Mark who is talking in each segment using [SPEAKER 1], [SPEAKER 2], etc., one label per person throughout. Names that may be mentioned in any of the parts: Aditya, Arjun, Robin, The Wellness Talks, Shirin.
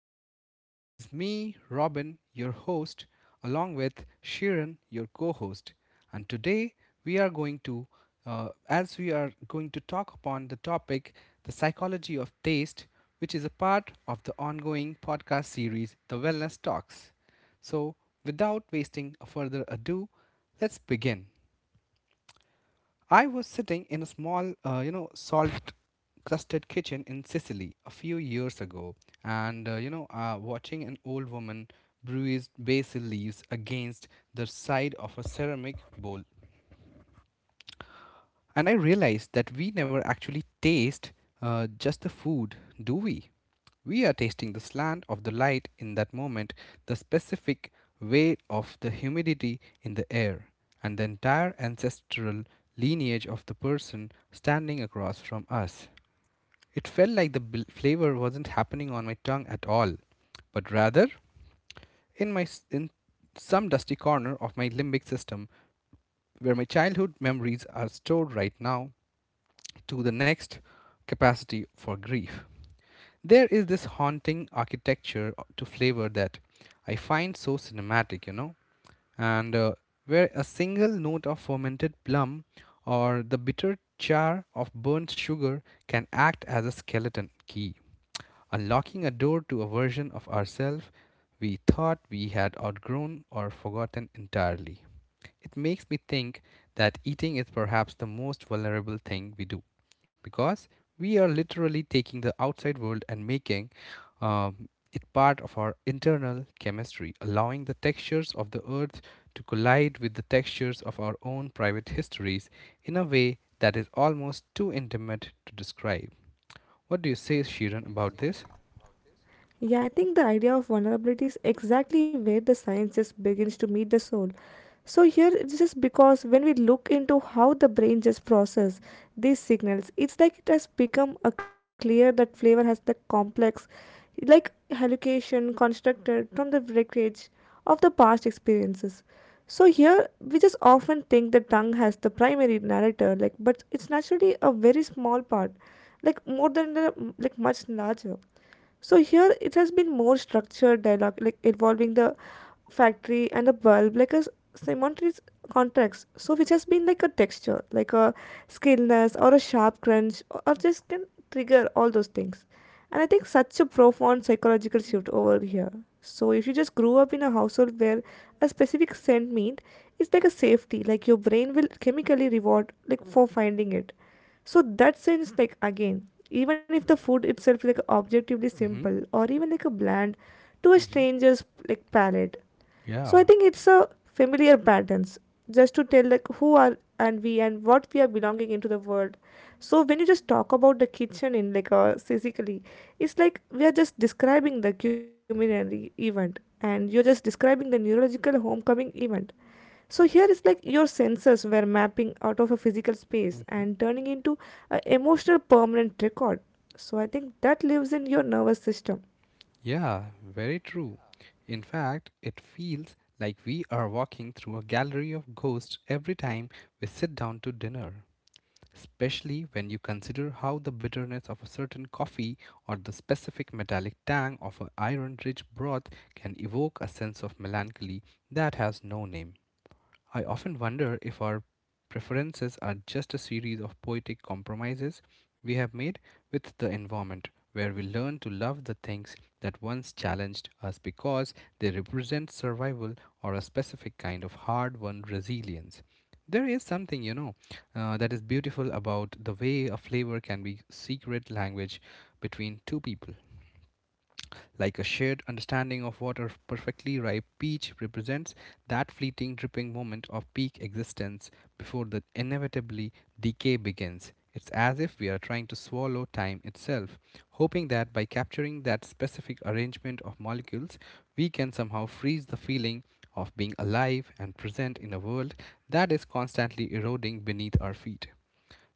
[SPEAKER 1] again. This is me, Robin, your host, along with Shirin, your co host. And today we are going to, as we are going to talk upon the topic, the psychology of taste, which is a part of the ongoing podcast series, The Wellness Talks. So, without wasting further ado, let's begin. I was sitting in a small, salt crusted kitchen in Sicily a few years ago, and watching an old woman bruise basil leaves against the side of a ceramic bowl, and I realized that we never actually taste just the food, do we? We are tasting the slant of the light in that moment, the specific weight of the humidity in the air, and the entire ancestral lineage of the person standing across from us. It felt like the flavor wasn't happening on my tongue at all, but rather in some dusty corner of my limbic system where my childhood memories are stored right now to the next capacity for grief. There is this haunting architecture to flavor that I find so cinematic, you know, and where a single note of fermented plum or the bitter char of burnt sugar can act as a skeleton key, unlocking a door to a version of ourselves we thought we had outgrown or forgotten entirely. It makes me think that eating is perhaps the most vulnerable thing we do, because we are literally taking the outside world and making it part of our internal chemistry, allowing the textures of the earth to collide with the textures of our own private histories in a way that is almost too intimate to describe. What do you say, Shiran, about this?
[SPEAKER 2] Yeah, I think the idea of vulnerability is exactly where the science just begins to meet the soul. So here it's just because when we look into how the brain just process these signals, it's like it has become a clear that flavor has the complex like hallucination constructed from the wreckage of the past experiences. So here we just often think the tongue has the primary narrator, like but it's naturally a very small part, like more than the like much larger. So here it has been more structured dialogue, like involving the factory and the bulb, like a simultaneous context. So which has been like a texture, like a skinless or a sharp crunch, or just can trigger all those things. And I think such a profound psychological shift over here. So if you just grew up in a household where a specific scent meant it's like a safety, like your brain will chemically reward like for finding it, so that sense like again even if the food itself like objectively
[SPEAKER 1] Mm-hmm.
[SPEAKER 2] simple or even like a bland to a
[SPEAKER 1] Mm-hmm.
[SPEAKER 2] stranger's like palate, so I
[SPEAKER 1] Yeah.
[SPEAKER 2] think it's a familiar patterns just to tell like who are and we and what we are belonging into the world. So when you just talk about the kitchen in like a physically, it's like we are just describing the culinary event and you're just describing the neurological homecoming event. So here is like your senses were mapping out of a physical space
[SPEAKER 1] Mm-hmm.
[SPEAKER 2] and turning into an emotional permanent record. So I think that lives in your nervous system.
[SPEAKER 1] Yeah, very true. In fact, it feels like we are walking through a gallery of ghosts every time we sit down to dinner, especially when you consider how the bitterness of a certain coffee or the specific metallic tang of an iron rich broth can evoke a sense of melancholy that has no name. I often wonder if our preferences are just a series of poetic compromises we have made with the environment, where we learn to love the things that once challenged us because they represent survival or a specific kind of hard won resilience. There is something, that is beautiful about the way a flavor can be secret language between two people, like a shared understanding of what a perfectly ripe peach represents, that fleeting dripping moment of peak existence before the inevitably decay begins. It's as if we are trying to swallow time itself, hoping that by capturing that specific arrangement of molecules, we can somehow freeze the feeling of being alive and present in a world that is constantly eroding beneath our feet.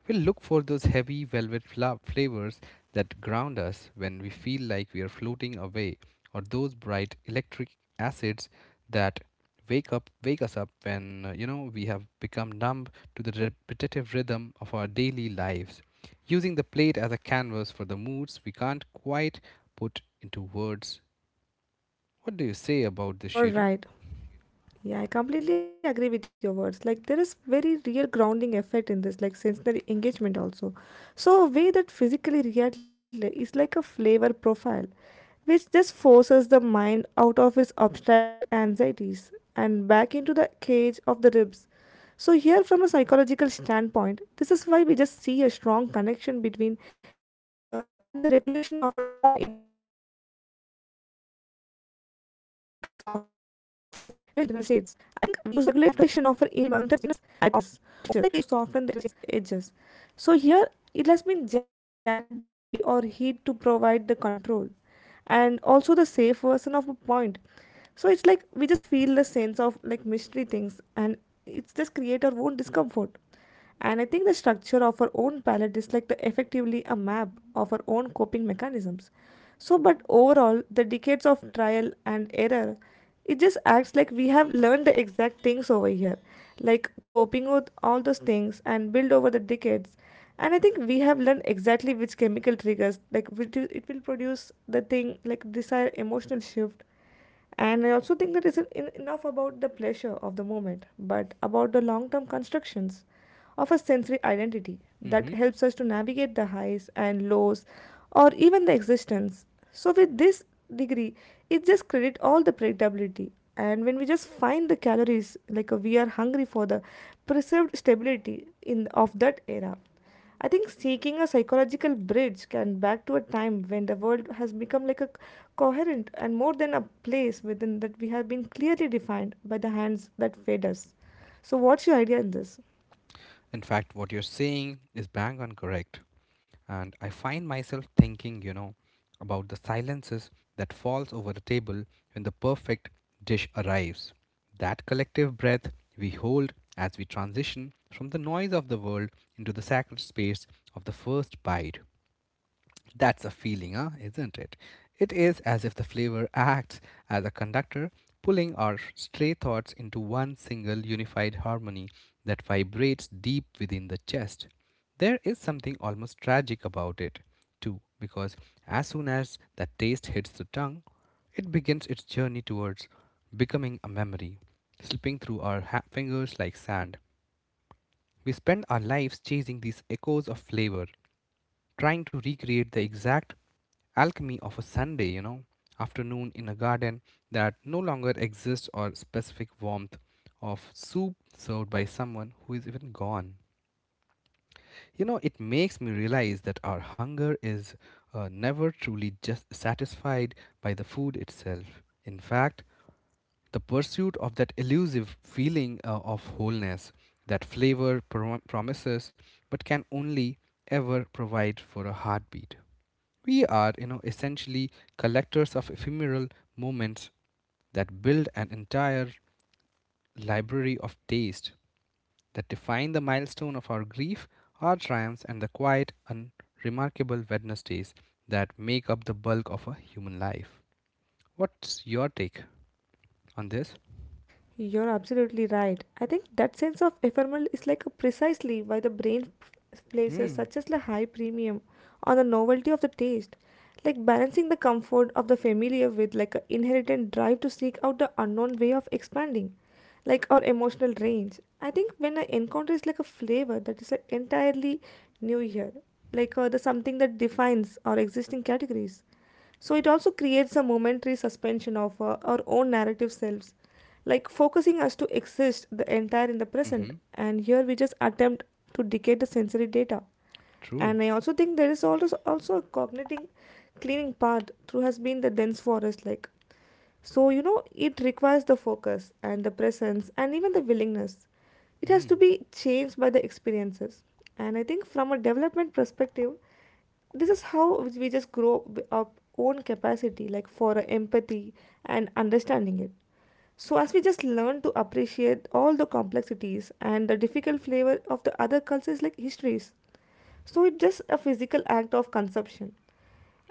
[SPEAKER 1] We'll look for those heavy velvet flavors that ground us when we feel like we are floating away, or those bright electric acids that wake us up when we have become numb to the repetitive rhythm of our daily lives. Using the plate as a canvas for the moods we can't quite put into words. What do you say about this, Shirin?
[SPEAKER 2] You're right. Yeah, I completely agree with your words. Like there is very real grounding effect in this, like sensory engagement also. So a way that physically react is like a flavor profile, which just forces the mind out of its abstract anxieties and back into the cage of the ribs. So, here from a psychological standpoint, this is why we just see a strong connection between flavor and the regulation of our own internal states. I think we use the sweetness or to soften the edges of a regulation of our internal states. So it's like we just use the sweetness to soften the edges. So here it has been jagged the day or heat to provide the control and also the safe version of a point, so it's like we just feel the sense of like mystery things and it's just create our own discomfort. And I think the structure of our own palate is like the effectively a map of our own coping mechanisms. So, but overall, the decades of trial and error, it just acts like we have learned the exact things over here, like coping with all those things and build over the decades. And I think we have learned exactly which chemical triggers, like which it will produce the thing, like desired emotional shift. And I also think that isn't enough about the pleasure of the moment, but about the long term constructions of a sensory identity
[SPEAKER 1] Hmm.
[SPEAKER 2] that helps us to navigate the highs and lows or even the existence. So, with this degree, it just creates all the predictability. And when we just find the calories, like we are hungry for the preserved stability in of that era. I think seeking a psychological bridge can back to a time when the world has become like a coherent and more than a place within that we have been clearly defined by the hands that fed us. So, what's your idea in this?
[SPEAKER 1] In fact, what you're saying is bang on correct. And I find myself thinking, you know, about the silences that falls over the table when the perfect dish arrives. That collective breath we hold as we transition from the noise of the world into the sacred space of the first bite. That's a feeling, huh? Isn't it? It is as if the flavor acts as a conductor, pulling our stray thoughts into one single unified harmony that vibrates deep within the chest. There is something almost tragic about it, too, because as soon as that taste hits the tongue, it begins its journey towards becoming a memory, slipping through our fingers like sand. We spend our lives chasing these echoes of flavor, trying to recreate the exact alchemy of a Sunday, you know, afternoon in a garden that no longer exists, or specific warmth of soup served by someone who is even gone. You know, it makes me realize that our hunger is never truly just satisfied by the food itself. In fact, the pursuit of that elusive feeling of wholeness that flavor promises but can only ever provide for a heartbeat. We are, you know, essentially collectors of ephemeral moments that build an entire library of taste that define the milestone of our grief, our triumphs, and the quiet, unremarkable Wednesdays that make up the bulk of a human life. What's your take on this?
[SPEAKER 2] You're absolutely right. I think that sense of ephemeral is like a precisely why the brain places
[SPEAKER 1] Hmm.
[SPEAKER 2] such as a high premium on the novelty of the taste, like balancing the comfort of the familiar with like an inherent drive to seek out the unknown way of expanding, like our emotional range. I think when I encounter is like a flavor that is like entirely new here, like the something that defines our existing categories, so it also creates a momentary suspension of our own narrative selves, like focusing us to exist the entire in the
[SPEAKER 1] Mm-hmm.
[SPEAKER 2] present. And here we just attempt to decode the sensory data.
[SPEAKER 1] True.
[SPEAKER 2] And I also think there is also a cognitive cleaning part through has been the dense forest like. So, you know, it requires the focus and the presence and even the willingness. It has to
[SPEAKER 1] Mm.
[SPEAKER 2] be changed by the experiences. And I think from a development perspective, this is how we just grow our own capacity, like for empathy and understanding it. So, as we just learn to appreciate all the complexities and the difficult flavor of the other cultures like histories, so it's just a physical act of consumption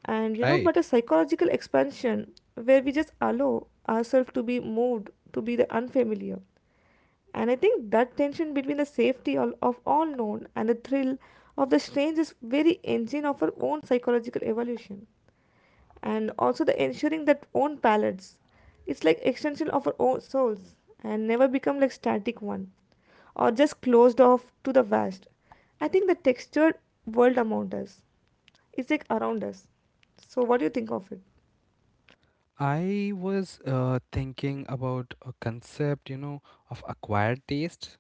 [SPEAKER 2] and you know but
[SPEAKER 1] Right.
[SPEAKER 2] a psychological expansion where we just allow ourselves to be moved to be the unfamiliar. And I think that tension between the safety of all known and the thrill of the strange is very engine of our own psychological evolution and also the ensuring that own palates, it's like extension of our own souls and never become like static one or just closed off to the vast. I think the textured world among us is like around us. So what do you think of it?
[SPEAKER 1] I was thinking about a concept, you know, of acquired taste.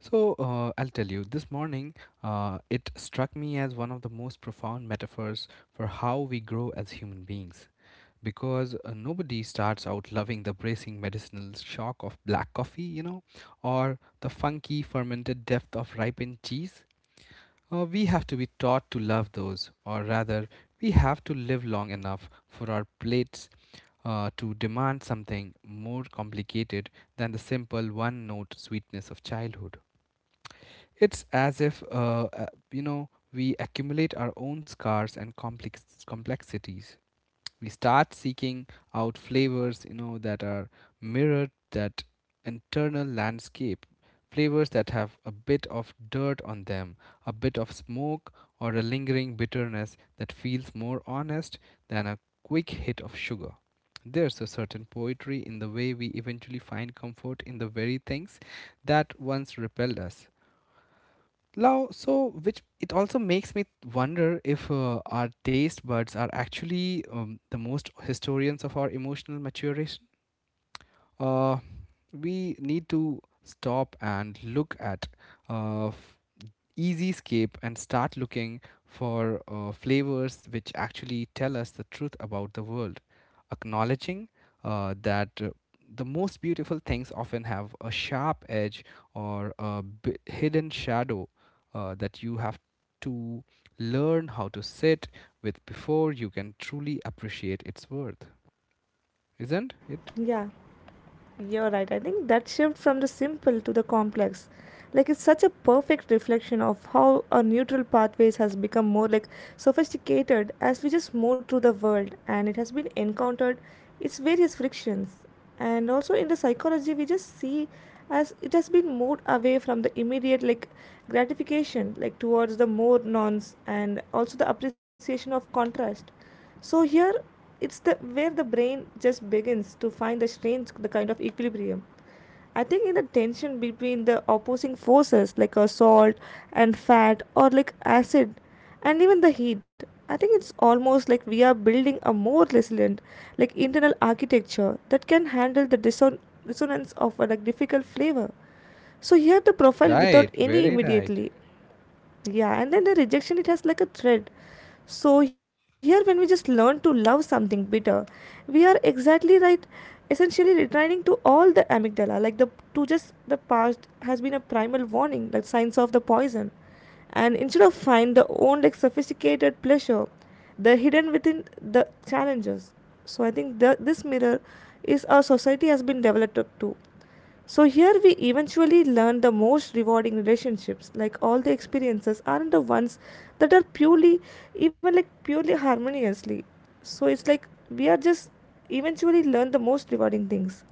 [SPEAKER 1] So I'll tell you, this morning it struck me as one of the most profound metaphors for how we grow as human beings. Because nobody starts out loving the bracing medicinal shock of black coffee, you know, or the funky fermented depth of ripened cheese. We have to be taught to love those, or rather, we have to live long enough for our plates to demand something more complicated than the simple one note sweetness of childhood. It's as if, we accumulate our own scars and complexities. We start seeking out flavors, you know, that are mirrored that internal landscape, flavors that have a bit of dirt on them, a bit of smoke, or a lingering bitterness that feels more honest than a quick hit of sugar. There's a certain poetry in the way we eventually find comfort in the very things that once repelled us. Now, so which it also makes me wonder if our taste buds are actually the most historians of our emotional maturation. Uh, we need to stop and look at uh, easy escape and start looking for flavors which actually tell us the truth about the world, acknowledging that the most beautiful things often have a sharp edge or a hidden shadow that you have to learn how to sit with before you can truly appreciate its worth. Isn't it?
[SPEAKER 2] Yeah, you're right. I think that shift from the simple to the complex like it's such a perfect reflection of how our neutral pathways has become more like sophisticated as we just move through the world and it has been encountered its various frictions. And also in the psychology we just see as it has been moved away from the immediate like gratification like towards the more nonce and also the appreciation of contrast. So here it's the where the brain just begins to find the strange the kind of equilibrium. I think in the tension between the opposing forces like salt and fat or like acid and even the heat, I think it's almost like we are building a more resilient like internal architecture that can handle the dissonance of a like difficult flavor. So here the profile
[SPEAKER 1] Right,
[SPEAKER 2] without any
[SPEAKER 1] very right.
[SPEAKER 2] immediately yeah, and then the rejection, it has like a thread. So here, when we just learn to love something bitter, we are exactly right, essentially returning to all the amygdala, like the to just the past has been a primal warning, like signs of the poison. And instead of find the own like sophisticated pleasure, the hidden within the challenges. So I think this mirror is our society has been developed to. So here we eventually learn the most rewarding relationships, like all the experiences aren't the ones that are purely, even like purely harmoniously. So it's like we are just eventually learn the most rewarding things.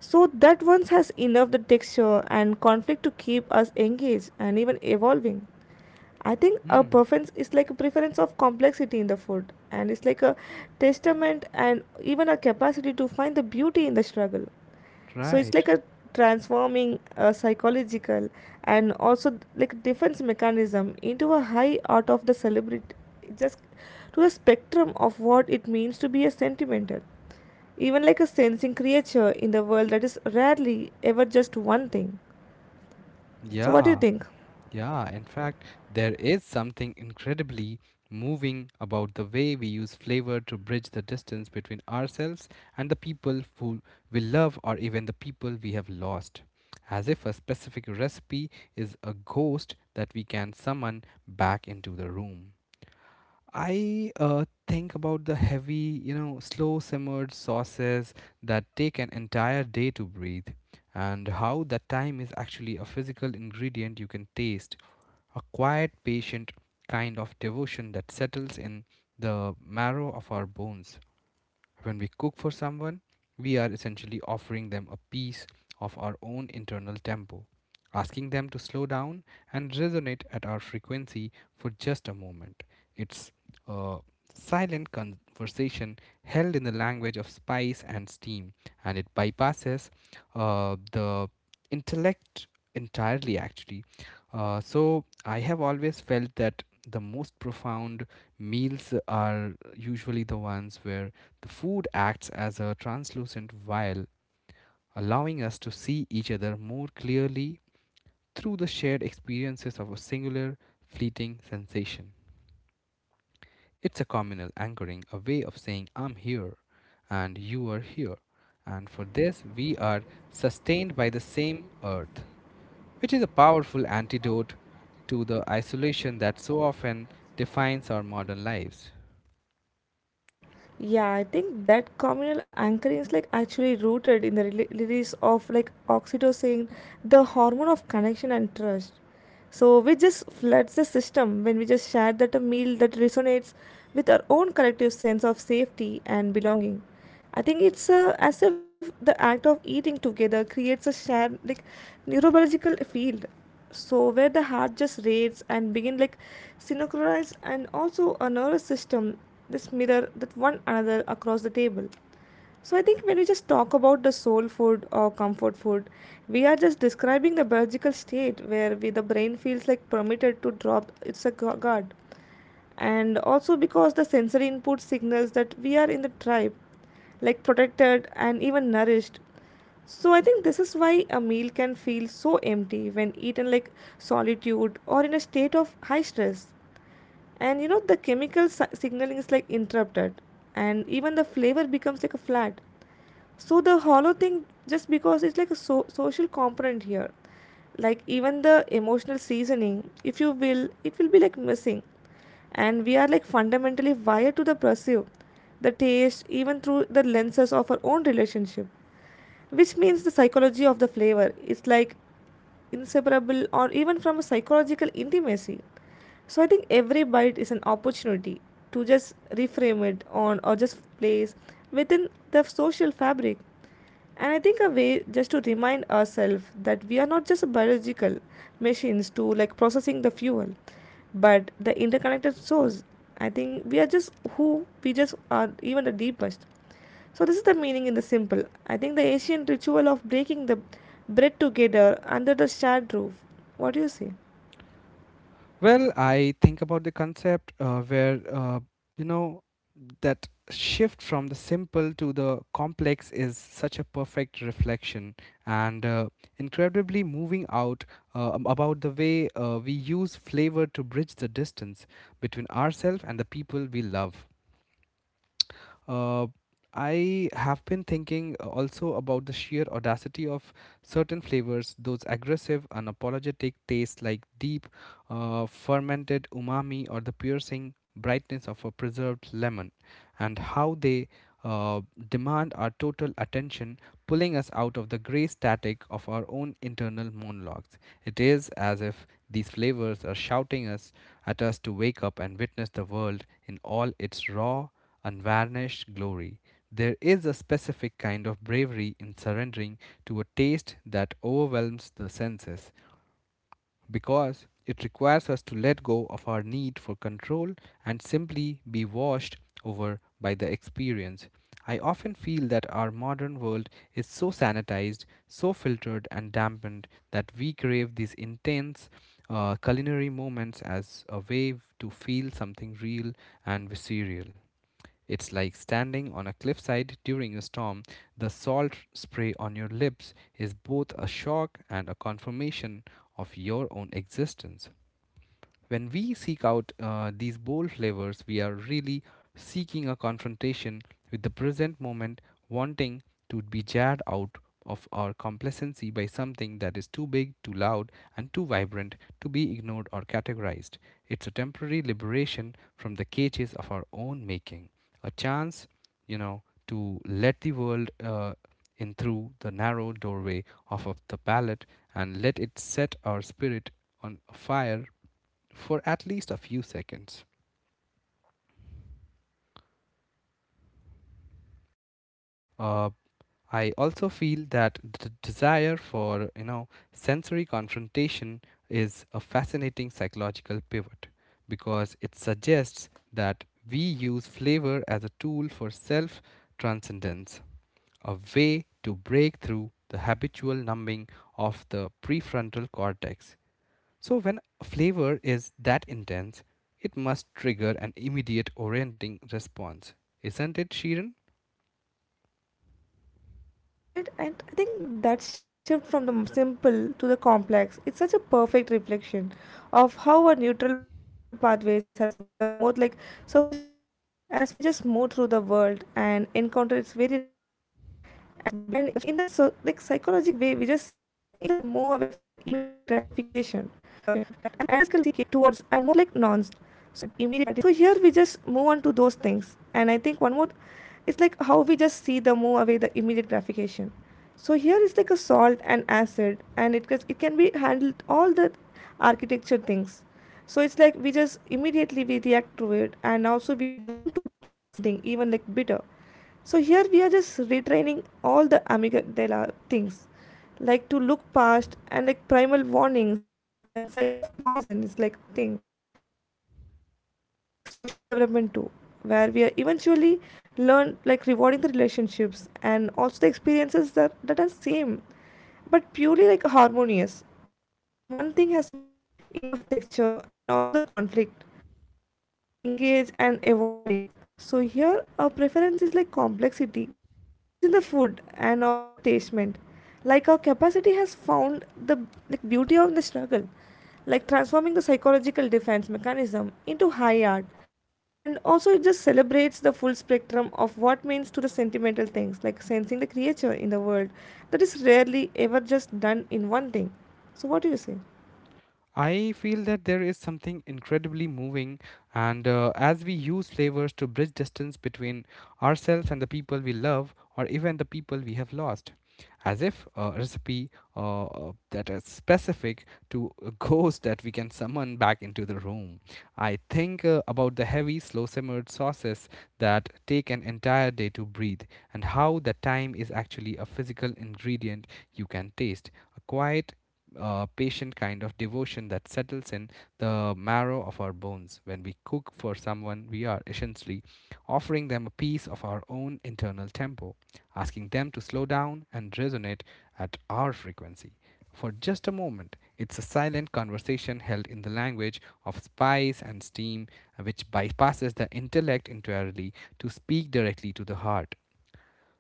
[SPEAKER 2] So that once has enough the texture and conflict to keep us engaged and even evolving. I think a
[SPEAKER 1] Mm,
[SPEAKER 2] preference is like a preference of complexity in the food, and it's like a testament and even a capacity to find the beauty in the struggle, so it's
[SPEAKER 1] right.
[SPEAKER 2] like a transforming a psychological and also like defense mechanism into a high art of the celebrity just to the spectrum of what it means to be a sentimental even like a sensing creature in the world that is rarely ever just one thing. So what do you
[SPEAKER 1] Yeah.
[SPEAKER 2] think?
[SPEAKER 1] Yeah, in fact, there is something incredibly moving about the way we use flavor to bridge the distance between ourselves and the people who we love, or even the people we have lost. As if a specific recipe is a ghost that we can summon back into the room. I think about the heavy, you know, slow simmered sauces that take an entire day to breathe, and how that time is actually a physical ingredient you can taste, a quiet, patient kind of devotion that settles in the marrow of our bones. When we cook for someone, we are essentially offering them a piece of our own internal tempo, asking them to slow down and resonate at our frequency for just a moment. It's a silent conversation held in the language of spice and steam, and it bypasses the intellect entirely, actually. So, I have always felt that the most profound meals are usually the ones where the food acts as a translucent veil, allowing us to see each other more clearly through the shared experiences of a singular, fleeting sensation. It's a communal anchoring, a way of saying, I'm here, and you are here. And for this, we are sustained by the same earth, which is a powerful antidote to the isolation that so often defines our modern lives.
[SPEAKER 2] Yeah, I think that communal anchoring is like actually rooted in the release of like oxytocin, the hormone of connection and trust. So we just floods the system when we just share that a meal that resonates with our own collective sense of safety and belonging. I think it's as if the act of eating together creates a shared like neurobiological field, so where the heart just rates and begin like synchronize and also a nervous system this mirror that one another across the table. So I think when we just talk about the soul food or comfort food, we are just describing the biological state where we the brain feels like permitted to drop its a guard and also because the sensory input signals that we are in the tribe, like protected and even nourished. So I think this is why a meal can feel so empty when eaten like solitude or in a state of high stress. And you know the chemical signaling is like interrupted and even the flavor becomes like a flat so the hollow thing just because it's like a social component here like even the emotional seasoning if you will it will be like missing and we are like fundamentally wired to the perceive the taste even through the lenses of our own relationship, which means the psychology of the flavor is like inseparable or even from a psychological intimacy. So I think every bite is an opportunity to just reframe it on or just place within the social fabric. And I think a way just to remind ourselves that we are not just biological machines to like processing the fuel, but the interconnected source. I think we are just who we just are, even the deepest. So this is the meaning in the simple. I think the ancient ritual of breaking the bread together under the shared roof. What do you say?
[SPEAKER 1] Well, I think about the concept you know, that shift from the simple to the complex is such a perfect reflection and incredibly moving out about the way we use flavor to bridge the distance between ourselves and the people we love. Uh, I have been thinking also about the sheer audacity of certain flavors, those aggressive, unapologetic tastes like deep fermented umami or the piercing brightness of a preserved lemon, and how they uh, demand our total attention, pulling us out of the gray static of our own internal monologues. It is as if these flavors are shouting us at us to wake up and witness the world in all its raw, unvarnished glory. There is a specific kind of bravery in surrendering to a taste that overwhelms the senses, because it requires us to let go of our need for control and simply be washed over by the experience. I often feel that our modern world is so sanitized, so filtered and dampened that we crave these intense culinary moments as a way to feel something real and visceral. It's like standing on a cliffside during a storm. The salt spray on your lips is both a shock and a confirmation of your own existence. When we seek out these bold flavors, we are really seeking a confrontation with the present moment, wanting to be jarred out of our complacency by something that is too big, too loud, and too vibrant to be ignored or categorized. It's a temporary liberation from the cages of our own making, a chance, you know, to let the world in through the narrow doorway of the palate and let it set our spirit on fire for at least a few seconds. Uh, I also feel that the desire for you know sensory confrontation is a fascinating psychological pivot because it suggests that we use flavor as a tool for self transcendence, a way to break through the habitual numbing of the prefrontal cortex. So, when a flavor is that intense, it must trigger an immediate orienting response, isn't it, Sheeran?
[SPEAKER 2] Yeah, you're right. And I think that shift from the simple to the complex, it's such a perfect reflection of how our neutral pathways has become more like sophisticated as we just move through the world and encounter its varied friction. And in the so, like psychological way, we just see this as a move away from the immediate gratification, like towards and more like nouns. So here we just move on to those things. And I think one more, it's like how we just see the move away the immediate gratification, so here is like a salt and acid and it gets, it can be handled all the architecture things, so it's like we just immediately we react to it and also we learn to love something even like bitter. So here we are just retraining all the amygdala things, like to look past and like primal warnings and size of poison is like thing. So you know these mirrors are like social development too, where we are eventually learn like rewarding the relationships and also the experiences that are same but purely like harmonious. But you know one thing has been enough texture and also the conflict to keep us engaged and evolving. So here our preference is like complexity, it's in the food and also the tastement, like our capacity has found the like beauty of the struggle, like transforming the psychological defense mechanism into high art. And also, it just celebrates the full spectrum of what means to the sentimental things, like sensing the creature in the world that is rarely ever just done in one thing. So, what do you say?
[SPEAKER 1] I feel that there is something incredibly moving, and as we use flavors to bridge distance between ourselves and the people we love, or even the people we have lost, as if a recipe that is specific to a ghost that we can summon back into the room. I think about the heavy, slow simmered sauces that take an entire day to breathe, and how the time is actually a physical ingredient you can taste, a quiet patient kind of devotion that settles in the marrow of our bones. When we cook for someone, we are essentially offering them a piece of our own internal tempo, asking them to slow down and resonate at our frequency. For just a moment, it's a silent conversation held in the language of spice and steam, which bypasses the intellect entirely to speak directly to the heart.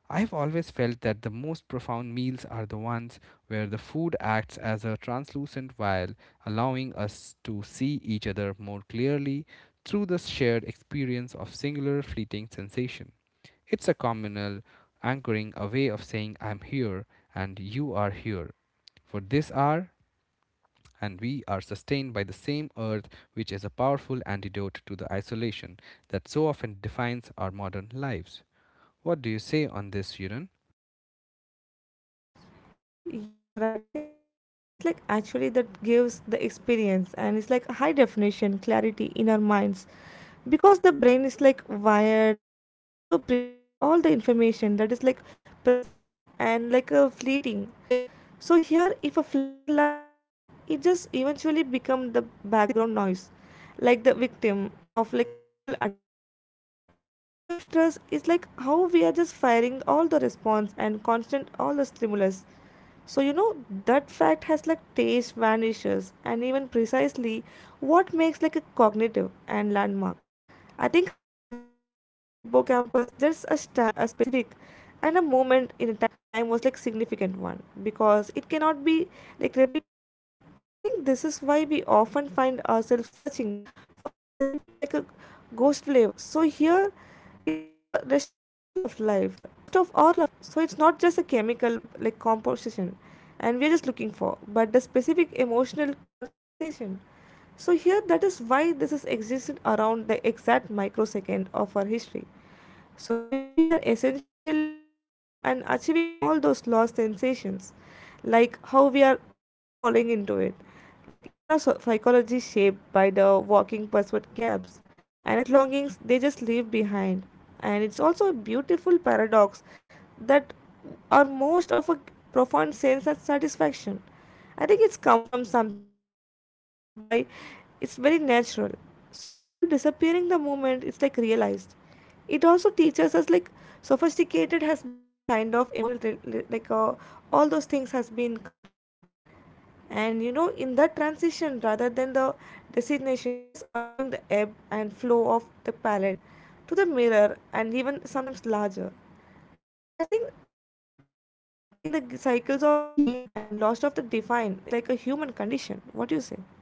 [SPEAKER 1] I have always felt that the most profound meals are the ones where the food acts as a translucent veil, allowing us to see each other more clearly through the shared experience of singular fleeting sensation. It's a communal anchoring, a way of saying, I'm here and you are here for this hour, and we are sustained by the same earth, which is a powerful antidote to the isolation that so often defines our modern lives. What do you say on this, Shiran?
[SPEAKER 2] You're right. I think that fragility is like actually that gives the experience, and it's like a high definition clarity in our minds, because the brain is like wired and it also prioritizes all the information that is like perceives and like a fleeting. So here if a flavor lasts forever it just eventually become the background noise, like the victim of like a neutral adaptation. So where our receptors is like how we are just firing all the response and constant all the stimulus. So you know that fact has like taste vanishes and even precisely what makes like a cognitive and landmark. I think a way of hippocampus, just a stamp, a specific and a moment in a time was like significant one because it cannot be like replicated. I think this is why we often find ourselves searching for a specific like a ghost flavor. So here it's like a rest of all of life. So it's not just a chemical like composition and we're just looking for but the specific emotional like constant station. So here that is why this is existed around the exact microsecond of our history. So here we are essentially walking on and achieving all those lost sensations, like how we are falling into it. Like even our psychology is shaped by the walking password gaps. And I think that longings they just leave behind. And it's also a beautiful paradox that are most of a profound sense of satisfaction. I think it's come from something and that is by it's very natural. So here disappearing the moment it's like realized, it also teaches us like sophisticated has been a kind of emotional like uh, all those things has been contentment. And you know in that transition rather than the destination, just allowing the ebb and flow of the palette to the mirror and even sometimes larger. I think it's all in the cycles of a gain and loss of the divine, it's like a human condition. What do you say?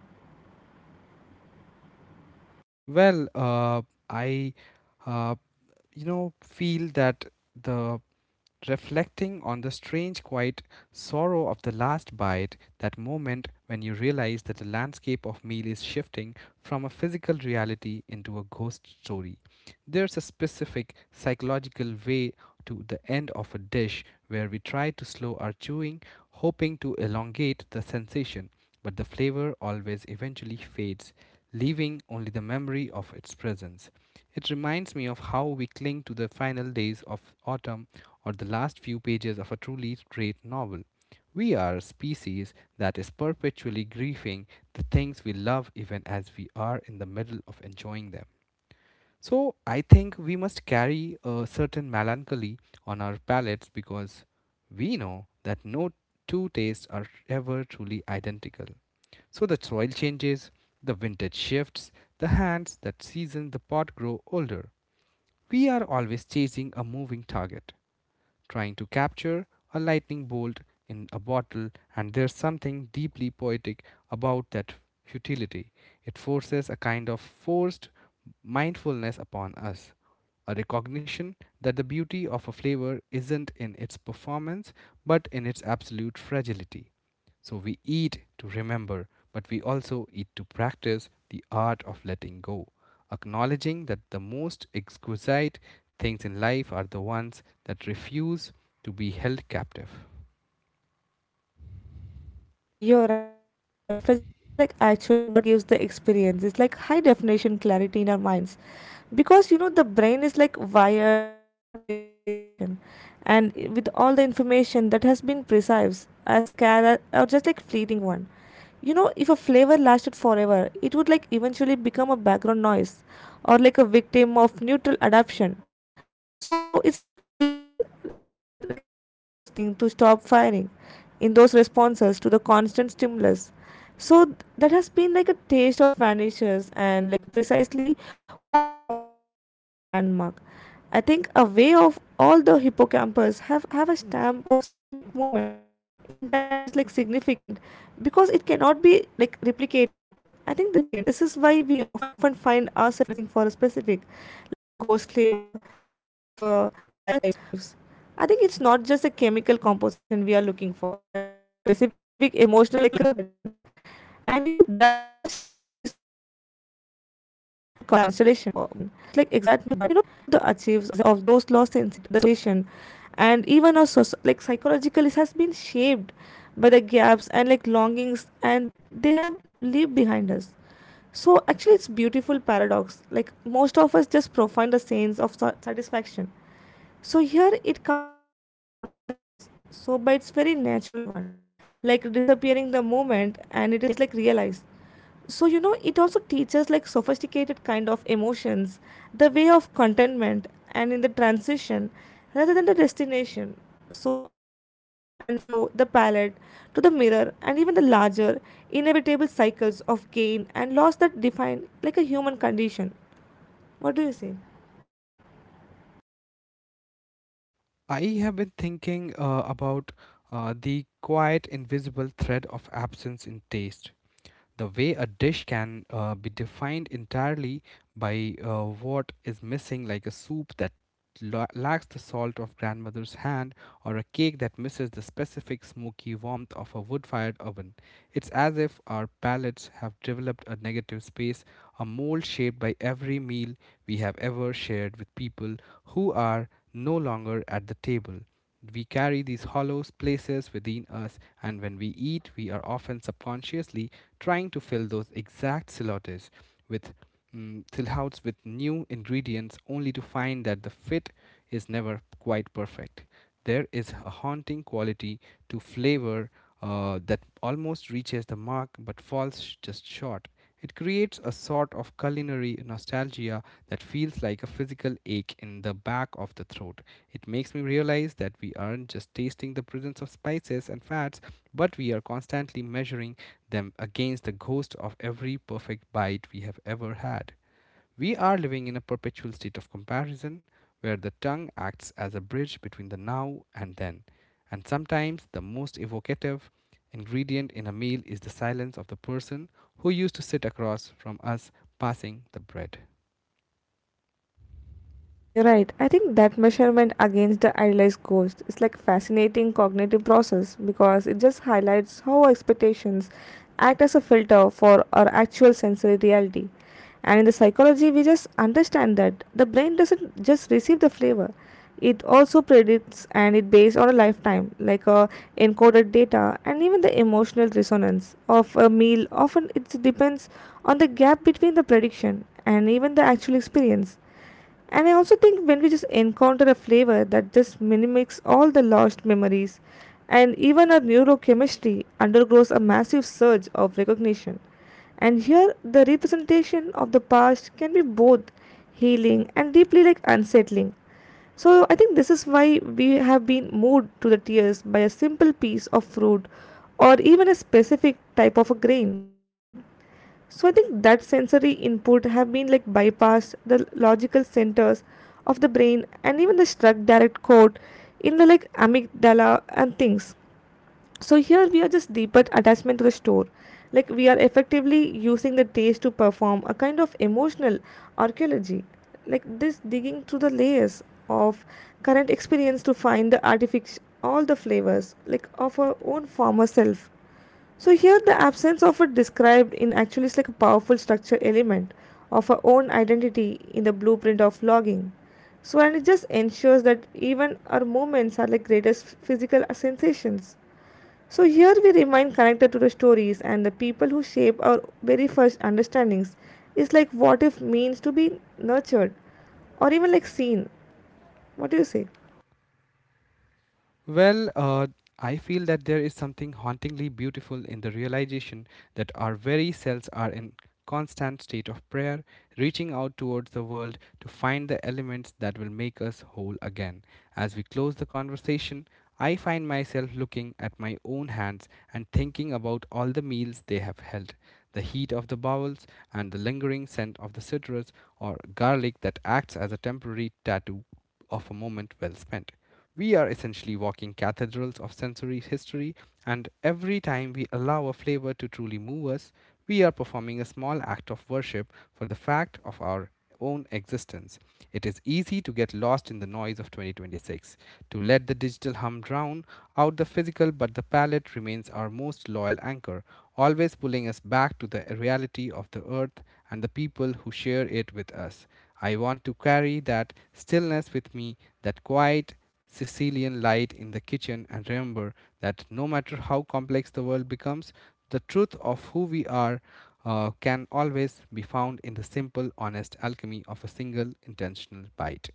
[SPEAKER 1] Well, I, uh, you know, feel that the reflecting on the strange, quiet sorrow of the last bite, that moment when you realize that the landscape of meal is shifting from a physical reality into a ghost story. There's a specific psychological way to the end of a dish where we try to slow our chewing, hoping to elongate the sensation, but the flavor always eventually fades, leaving only the memory of its presence. It reminds me of how we cling to the final days of autumn or the last few pages of a truly great novel. We are a species that is perpetually grieving the things we love even as we are in the middle of enjoying them. So I think we must carry a certain melancholy on our palates because we know that no two tastes are ever truly identical. So the soil changes, the vintage shifts, the hands that season the pot grow older. We are always chasing a moving target trying to capture a lightning bolt in a bottle, and there's something deeply poetic about that futility. It forces a kind of forced mindfulness upon us, a recognition that the beauty of a flavor isn't in its performance but in its absolute fragility. So we eat to remember, but we also eat to practice the art of letting go, acknowledging that the most exquisite things in life are the ones that refuse to be held captive.
[SPEAKER 2] You're right. I think that fragility is like actually what gives the experience. It's like high definition clarity in our minds. Because you know the brain is like wired to the prioritization and with all the information that has been precise as care or just like fleeting one. You know, if a flavor lasted forever, it would like eventually become a background noise or like a victim of neutral adaptation. So it's like where you just like receptors all those things to stop firing in those responses to the constant stimulus. So that has been like a taste of vanishes and like precisely what makes it like cognitive landmark. I think a way of all the hippocampus have a stamp of specific moment in time as like significant, because it cannot be like replicated. I think this is why we often find ourselves researching for a specific, like a ghost flavor, for the rest of our lives. I think it's not just a chemical composition we are looking for, but the specific emotional constellation. And you know that existed around is like exact microsecond of a history. And here we are essentially walking all the achieves of those lost sensation, and even our like psychological has been shaped by the gaps and like longings, and they have leave behind us. So actually, it's beautiful paradox. Like most of us just profound the sense of satisfaction. So here it comes from something that is so by its very natural one, like disappearing the moment, and it is like realized. So you know it also teaches like sophisticated kind of emotions, the way of contentment and in the transition rather than the destination, so allowing the ebb and flow the palette to the mirror and even the larger inevitable cycles of gain and loss that define like a human condition. What do you say?
[SPEAKER 1] I have been thinking about the quiet, invisible thread of absence in taste. The way a dish can be defined entirely by what is missing, like a soup that lacks the salt of grandmother's hand, or a cake that misses the specific smoky warmth of a wood fired oven. It's as if our palates have developed a negative space, a mold shaped by every meal we have ever shared with people who are no longer at the table. We carry these hollow places within us, and when we eat, we are often subconsciously trying to fill those exact silhouettes with silhouettes with new ingredients only to find that the fit is never quite perfect. There is a haunting quality to flavor that almost reaches the mark but falls just short. It creates a sort of culinary nostalgia that feels like a physical ache in the back of the throat. It makes me realize that we aren't just tasting the presence of spices and fats, but we are constantly measuring them against the ghost of every perfect bite we have ever had. We are living in a perpetual state of comparison where the tongue acts as a bridge between the now and then. And sometimes the most evocative ingredient in a meal is the silence of the person who used to sit across from us passing the bread.
[SPEAKER 2] Yeah, you're right. I think that measurement against the idealized ghost is like fascinating cognitive process because it just highlights how our expectations act as a filter for our actual sensory reality. And in the psychology, we just understand that the brain doesn't just receive the flavor; it also predicts and it based on a lifetime, like a encoded data and even the emotional resonance of a meal. Often, it depends on the gap between the prediction and even the actual experience. And I also think when we just encounter a flavor that just mimics all the lost memories, and even our neurochemistry undergoes a massive surge of recognition. And here, the representation of the past can be both healing and deeply like unsettling. So I think this is why we have been moved to the tears by a simple piece of fruit or even a specific type of a grain. So I think that sensory input have been like bypassed the logical centers of the brain and even the struck direct code in the like amygdala and things. So here we are just deeper attachment to the store, like we are effectively using the taste to perform a kind of emotional archaeology, like this digging through the layers of current experience to find the artific all the flavors like of our own former self. So here the absence of it described in actually is like a powerful structure element of our own identity in the blueprint of logging. So and it just ensures that even our moments are like greatest physical sensations. So, here we remain connected to the stories and the people who shape our very first understandings. It's like what if means to be nurtured or even like seen. What do you say?
[SPEAKER 1] Well, I feel that there is something hauntingly beautiful in the realization that our very selves are in constant state of prayer, reaching out towards the world to find the elements that will make us whole again. As we close the conversation, I find myself looking at my own hands and thinking about all the meals they have held, the heat of the bowels, and the lingering scent of the citrus or garlic that acts as a temporary tattoo of a moment well spent. We are essentially walking cathedrals of sensory history, and every time we allow a flavor to truly move us, we are performing a small act of worship for the fact of our own existence. It is easy to get lost in the noise of 2026, to let the digital hum drown out the physical, but the palate remains our most loyal anchor, always pulling us back to the reality of the earth and the people who share it with us. I want to carry that stillness with me, that quiet Sicilian light in the kitchen, and remember that no matter how complex the world becomes, the truth of who we are can always be found in the simple, honest alchemy of a single intentional bite.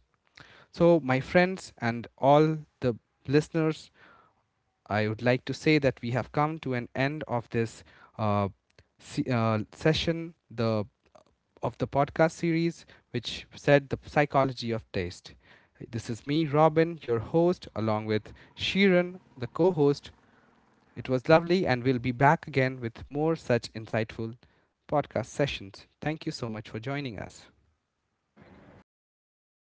[SPEAKER 1] So, my friends and all the listeners, I would like to say that we have come to an end of this uh, session, the of the podcast series, which said the psychology of taste. This is me, Robin, your host, along with Sheeran, the co host. It was lovely, and we'll be back again with more such insightful podcast sessions. Thank you so much for joining us.
[SPEAKER 2] Yeah, thank